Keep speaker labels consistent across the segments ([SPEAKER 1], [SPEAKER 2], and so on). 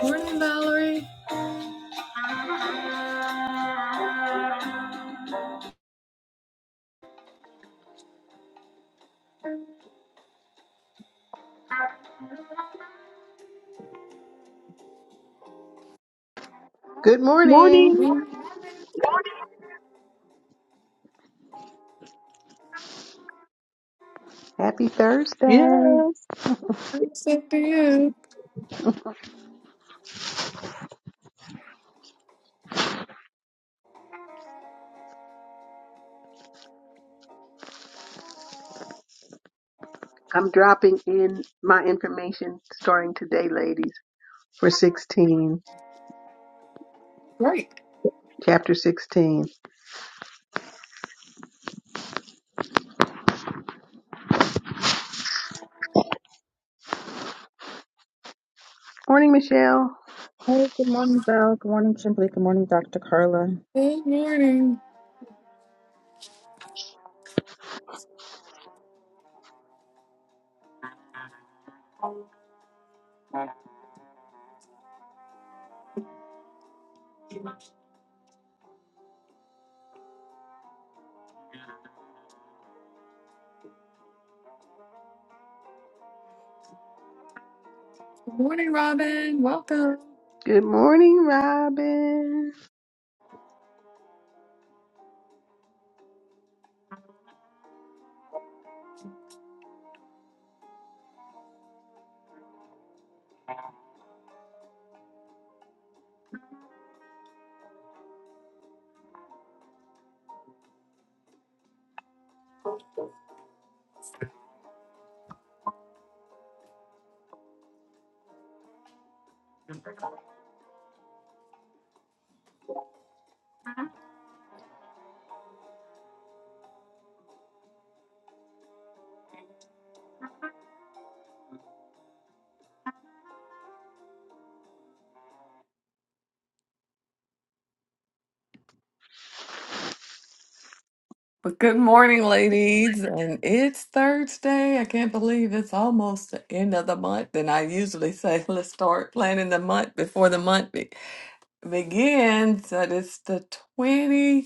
[SPEAKER 1] Morning, Valerie.
[SPEAKER 2] Good morning.
[SPEAKER 3] Morning.
[SPEAKER 1] I'm
[SPEAKER 2] Happy Thursday.
[SPEAKER 3] Yes.
[SPEAKER 1] Thanks to you.
[SPEAKER 2] I'm dropping in my information starting today, ladies, for 16, chapter 16. Morning, Michelle.
[SPEAKER 4] Hey, good morning, Val. Good morning, Kimberly. Good morning, Dr. Carla.
[SPEAKER 1] Good morning. Good morning, Robin. Welcome.
[SPEAKER 2] Good morning, Robin.
[SPEAKER 1] But good morning, ladies. And it's Thursday. I can't believe it's almost the end of the month. And I usually say, let's start planning the month before the month be- begins. But it's the 21st.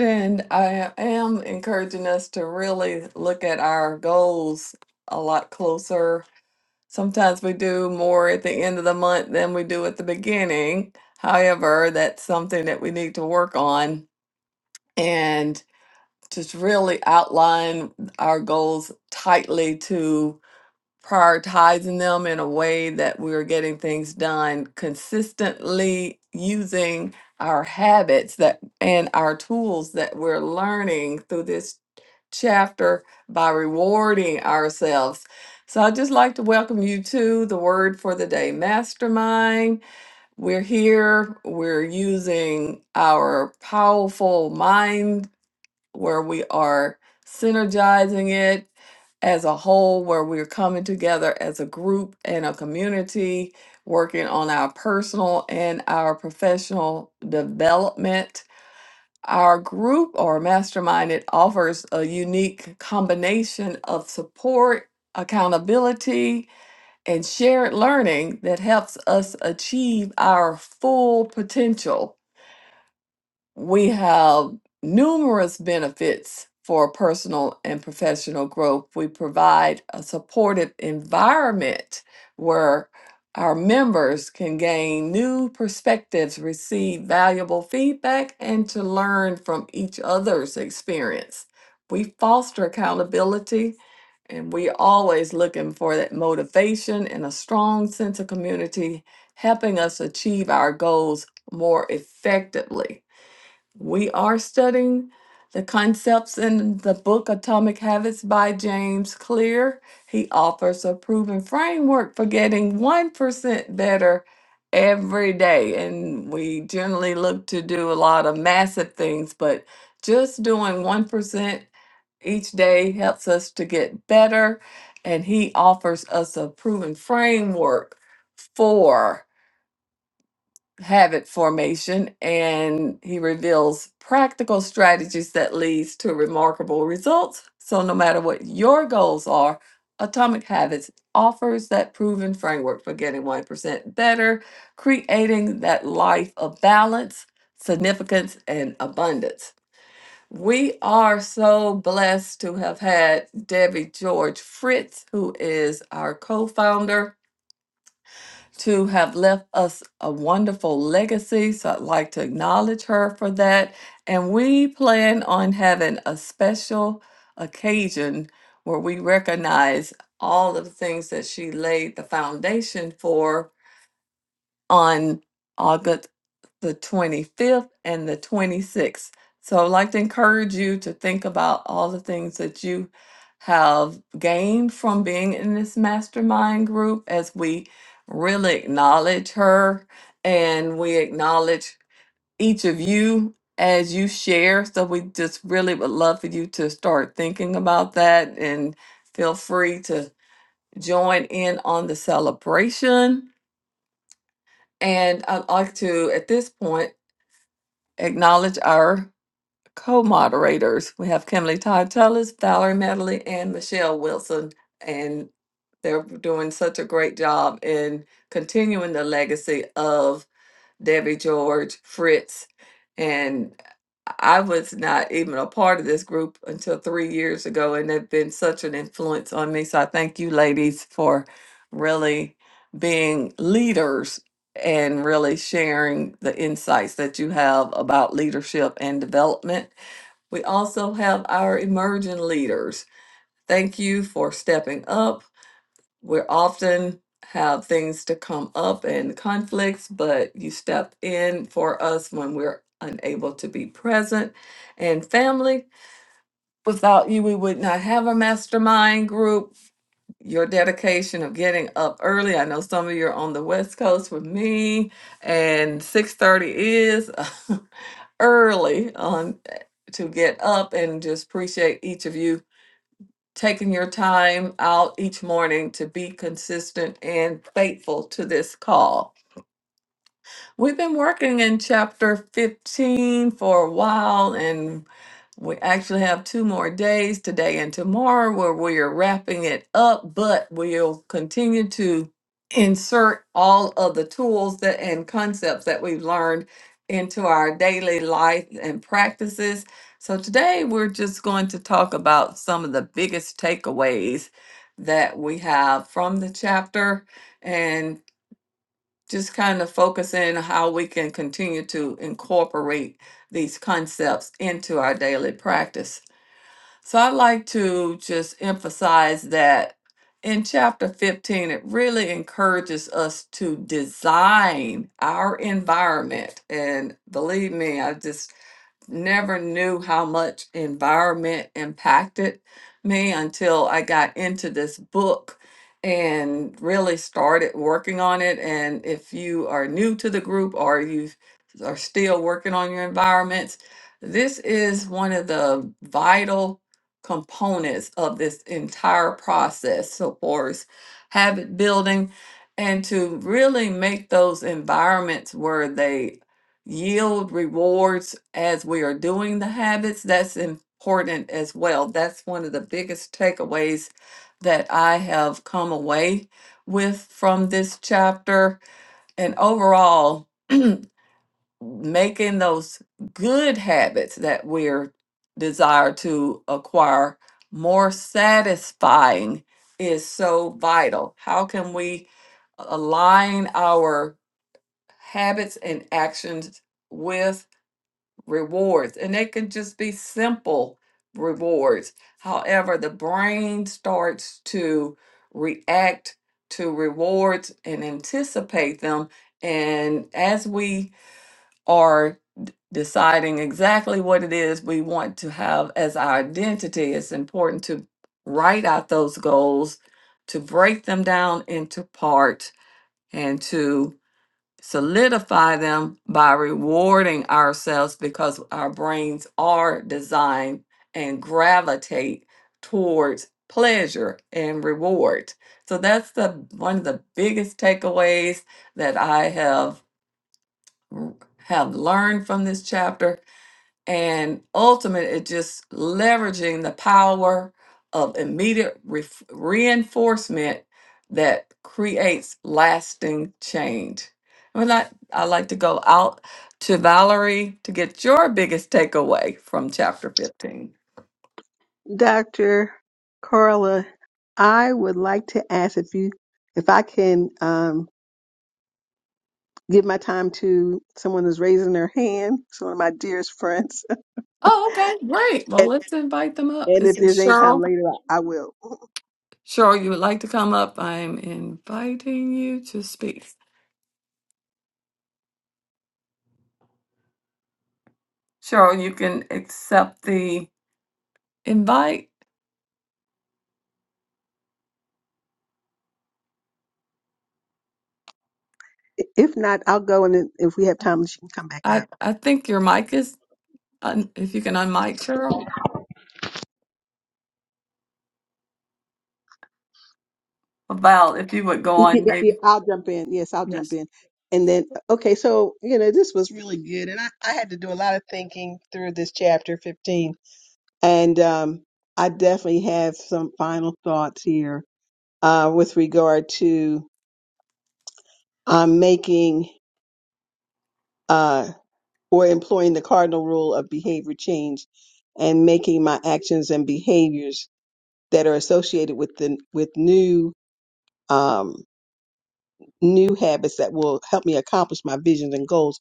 [SPEAKER 1] And I am encouraging us to really look at our goals a lot closer Sometimes we do more at the end of the month than we do at the beginning. However, that's something that we need to work on and just really outline our goals tightly to prioritizing them in a way that we are getting things done consistently using our habits that and our tools that we're learning through this chapter by rewarding ourselves. So I'd just like to welcome you to the Word for the Day Mastermind. We're here, we're using our powerful mind where we are synergizing it as a whole, where we're coming together as a group and a community, working on our personal and our professional development. Our group or mastermind it offers a unique combination of support, accountability, and shared learning that helps us achieve our full potential we have numerous benefits for personal and professional growth. We provide a supportive environment where our members can gain new perspectives, receive valuable feedback, and to learn from each other's experience. We foster accountability and we always looking for that motivation and a strong sense of community helping us achieve our goals more effectively we are studying the concepts in the book Atomic Habits by James Clear. He offers a proven framework for getting 1% better every day. And we generally look to do a lot of massive things, but just doing 1% each day helps us to get better. And he offers us a proven framework for habit formation and he reveals practical strategies that leads to remarkable results so no matter what your goals are atomic habits offers that proven framework for getting 1% better creating that life of balance significance and abundance we are so blessed to have had debbie george fritz who is our co-founder to have left us a wonderful legacy. So I'd like to acknowledge her for that. And we plan on having a special occasion where we recognize all of the things that she laid the foundation for on August the 25th and the 26th. So I'd like to encourage you to think about all the things that you have gained from being in this mastermind group as we really acknowledge her and we acknowledge each of you as you share. So we just really would love for you to start thinking about that and feel free to join in on the celebration and I'd like to, at this point, acknowledge our co-moderators. We have Kimberly Todd Tullis, Valerie Medley, and Michelle Wilson. And they're doing such a great job in continuing the legacy of Debbie George, Fritz, and I was not even a part of this group until three years ago, and they've been such an influence on me. So I thank you, ladies, for really being leaders and really sharing the insights that you have about leadership and development. We also have our emerging leaders. Thank you for stepping up we often have things to come up and conflicts, but you step in for us when we're unable to be present. And family, without you, we would not have a mastermind group. Your dedication of getting up early. I know some of you are on the West Coast with me, and 6:30 is early on eh, to get up and just appreciate each of you taking your time out each morning to be consistent and faithful to this call. We've been working in chapter 15 for a while and we actually have two more days today and tomorrow where we are wrapping it up, but we'll continue to insert all of the tools that and concepts that we've learned into our daily life and practices. So today we're just going to talk about some of the biggest takeaways that we have from the chapter and just kind of focus in how we can continue to incorporate these concepts into our daily practice. So I'd like to just emphasize that in chapter 15, it really encourages us to design our environment. And believe me, I just never knew how much environment impacted me until I got into this book and really started working on it. And if you are new to the group or you are still working on your environments, this is one of the vital components of this entire process. So, far as habit building and to really make those environments where they yield rewards as we are doing the habits. That's important as well. That's one of the biggest takeaways that I have come away with from this chapter. And overall, making those good habits that we're desire to acquire more satisfying is so vital. How can we align our habits and actions? with rewards and they can just be simple rewards however the brain starts to react to rewards and anticipate them and as we are deciding exactly what it is we want to have as our identity it's important to write out those goals to break them down into parts and to solidify them by rewarding ourselves because our brains are designed and gravitate towards pleasure and reward. So that's the one of the biggest takeaways that I have have learned from this chapter and ultimate is just leveraging the power of immediate ref- reinforcement that creates lasting change. And I I like to go out to Valerie to get your biggest takeaway from chapter 15.
[SPEAKER 2] Dr. Carla, I would like to ask if you, if I can um, give my time to someone who's raising their hand. It's one of my dearest friends.
[SPEAKER 1] Oh, okay, great. Well,
[SPEAKER 2] and,
[SPEAKER 1] let's invite them up.
[SPEAKER 2] and
[SPEAKER 1] Is
[SPEAKER 2] if
[SPEAKER 1] it
[SPEAKER 2] there's any time
[SPEAKER 1] Cheryl?
[SPEAKER 2] later, I, I will.
[SPEAKER 1] Cheryl, you would like to come up? I'm inviting you to speak. Cheryl, you can accept the invite.
[SPEAKER 2] If not, I'll go and then if we have time, she can come back up.
[SPEAKER 1] I, I think your mic is, un, if you can unmic Cheryl. Val, if you would go
[SPEAKER 2] Y- y-
[SPEAKER 1] on,
[SPEAKER 2] y- y-
[SPEAKER 1] maybe.
[SPEAKER 2] I'll jump in. Yes, I'll jump in. And then, okay, so, you know, this was really good. And I, I had to do a lot of thinking through this chapter 15. And um, I definitely have some final thoughts here uh, with regard to um, making uh, or employing the cardinal rule of behavior change and making my actions and behaviors that are associated with the with new um, new habits that will help me accomplish my visions and goals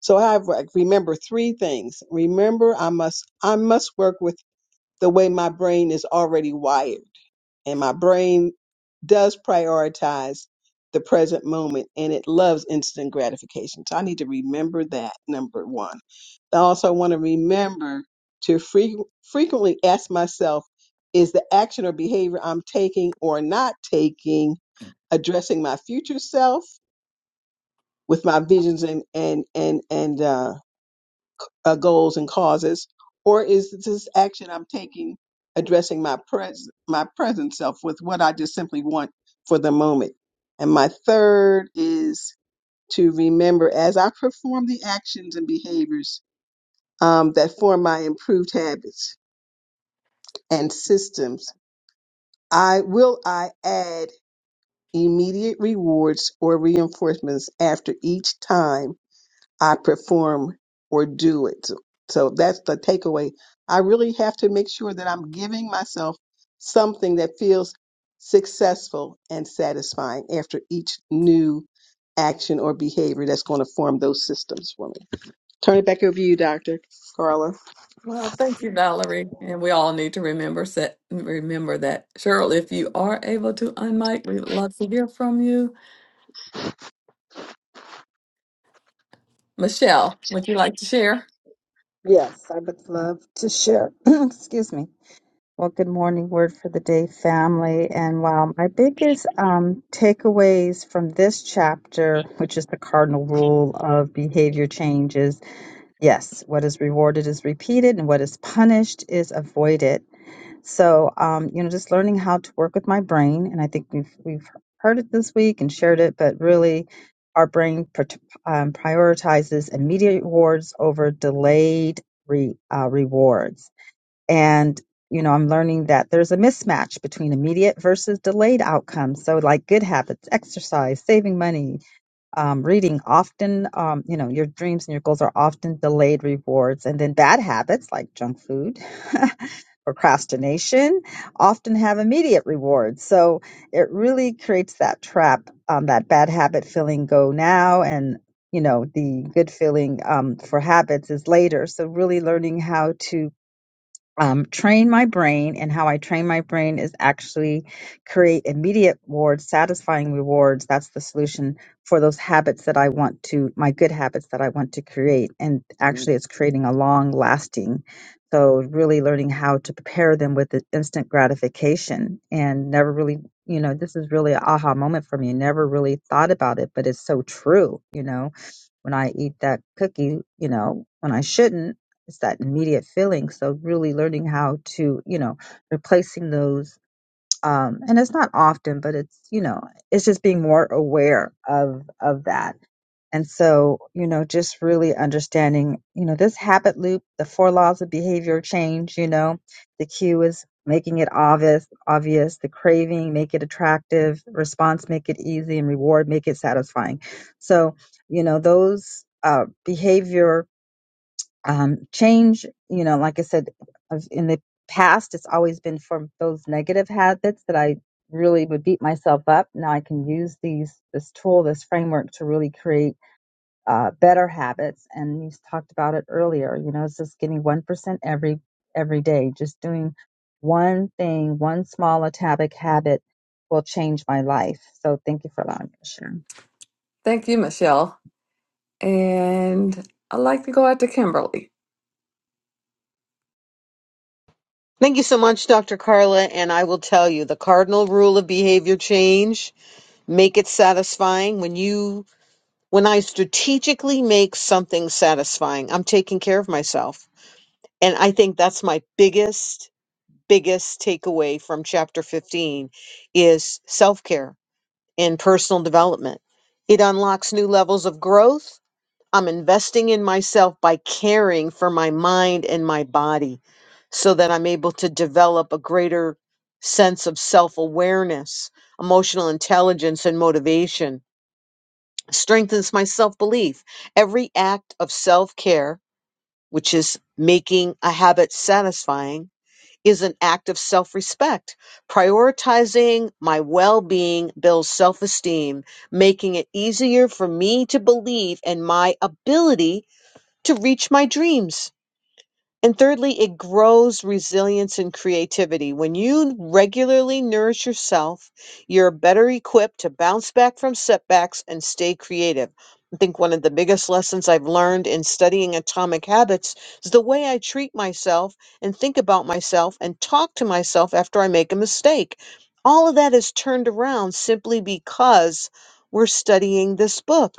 [SPEAKER 2] So I have, like, remember three things. Remember, I must I must work with the way my brain is already wired, and my brain does prioritize the present moment, and it loves instant gratification. So I need to remember that number one. I also want to remember to fre- frequently ask myself, is the action or behavior I'm taking or not taking addressing my future self with my visions and and and and uh, uh, goals and causes, or is this action I'm taking addressing my pres my present self with what I just simply want for the moment? And my third is to remember as I perform the actions and behaviors um, that form my improved habits and systems, I will I add immediate rewards or reinforcements after each time I perform or do it. So so that's the takeaway. I really have to make sure that I'm giving myself something that feels successful and satisfying after each new action or behavior that's going to form those systems for me. Turn it back over to you, Dr. Carla.
[SPEAKER 1] Well, thank you, Valerie. And we all need to remember set, remember that. Cheryl, if you are able to unmic, we would love to hear from you. Michelle, would you like to share?
[SPEAKER 4] Yes, I would love to share. Excuse me. Well, good morning, word for the day, family. And wow, my biggest um, takeaways from this chapter, which is the cardinal rule of behavior change, is yes, what is rewarded is repeated, and what is punished is avoided. So, um, you know, just learning how to work with my brain, and I think we've we've heard it this week and shared it, but really, our brain pr- um, prioritizes immediate rewards over delayed re- uh, rewards, and you know, I'm learning that there's a mismatch between immediate versus delayed outcomes. So, like good habits, exercise, saving money, um, reading, often, um, you know, your dreams and your goals are often delayed rewards, and then bad habits like junk food. procrastination often have immediate rewards. So it really creates that trap, um, that bad habit feeling go now and you know the good feeling um, for habits is later so really learning how to um, train my brain, and how I train my brain is actually create immediate rewards, satisfying rewards. That's the solution for those habits that I want to, my good habits that I want to create. And actually, it's creating a long lasting. So, really learning how to prepare them with the instant gratification and never really, you know, this is really an aha moment for me. Never really thought about it, but it's so true, you know when I eat that cookie, you know, when I shouldn't, it's that immediate feeling. So really learning how to, you know, replacing those. Um, and it's not often, but it's, you know, it's just being more aware of, of that. And so, you know, just really understanding, you know, this habit loop, the four laws of behavior change, you know, the cue is making it obvious, obvious, the craving, make it attractive, response, make it easy and reward, make it satisfying. So, you know, those, uh, behavior um, change, you know, like I said, I've- in the past, it's always been from those negative habits that I really would beat myself up. Now I can use these, this tool, this framework to really create uh, better habits and you talked about it earlier you know it's just getting 1% every every day just doing one thing one small atomic habit will change my life so thank you for allowing me to share
[SPEAKER 1] Thank you, Michelle. And I'd like to go out to Kimberly.
[SPEAKER 3] Thank you so much, Dr. Carla. And I will tell you the cardinal rule of behavior change make it satisfying. When you, when I strategically make something satisfying, I'm taking care of myself. And I think that's my biggest, biggest takeaway from chapter 15 is self care and personal development. It unlocks new levels of growth I'm investing in myself by caring for my mind and my body so that I'm able to develop a greater sense of self awareness, emotional intelligence, and motivation. Strengthens my self belief. Every act of self care, which is making a habit satisfying, is an act of self respect. Prioritizing my well being builds self esteem, making it easier for me to believe in my ability to reach my dreams. And thirdly, it grows resilience and creativity. When you regularly nourish yourself, you're better equipped to bounce back from setbacks and stay creative. I think one of the biggest lessons I've learned in studying atomic habits is the way I treat myself and think about myself and talk to myself after I make a mistake. All of that is turned around simply because we're studying this book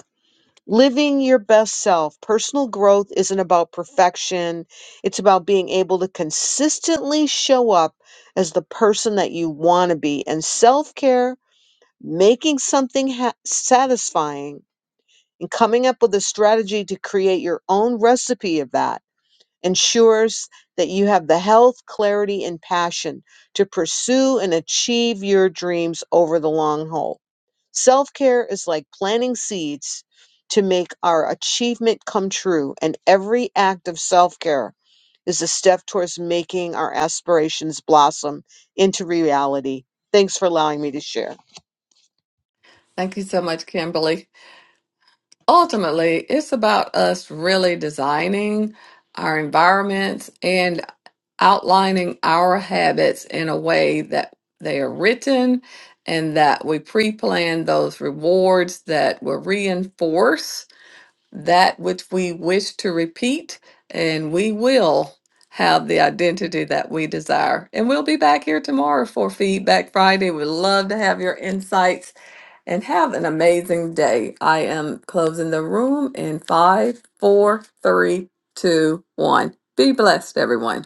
[SPEAKER 3] living your best self. Personal growth isn't about perfection, it's about being able to consistently show up as the person that you want to be. And self care, making something ha- satisfying, and coming up with a strategy to create your own recipe of that ensures that you have the health, clarity, and passion to pursue and achieve your dreams over the long haul. Self care is like planting seeds to make our achievement come true, and every act of self care is a step towards making our aspirations blossom into reality. Thanks for allowing me to share.
[SPEAKER 1] Thank you so much, Kimberly. ultimately, it's about us really designing our environments and outlining our habits in a way that they are written and that we pre plan those rewards that will reinforce that which we wish to repeat, and we will. Have the identity that we desire. And we'll be back here tomorrow for Feedback Friday. We'd love to have your insights and have an amazing day. I am closing the room in five, four, three, two, one. Be blessed, everyone.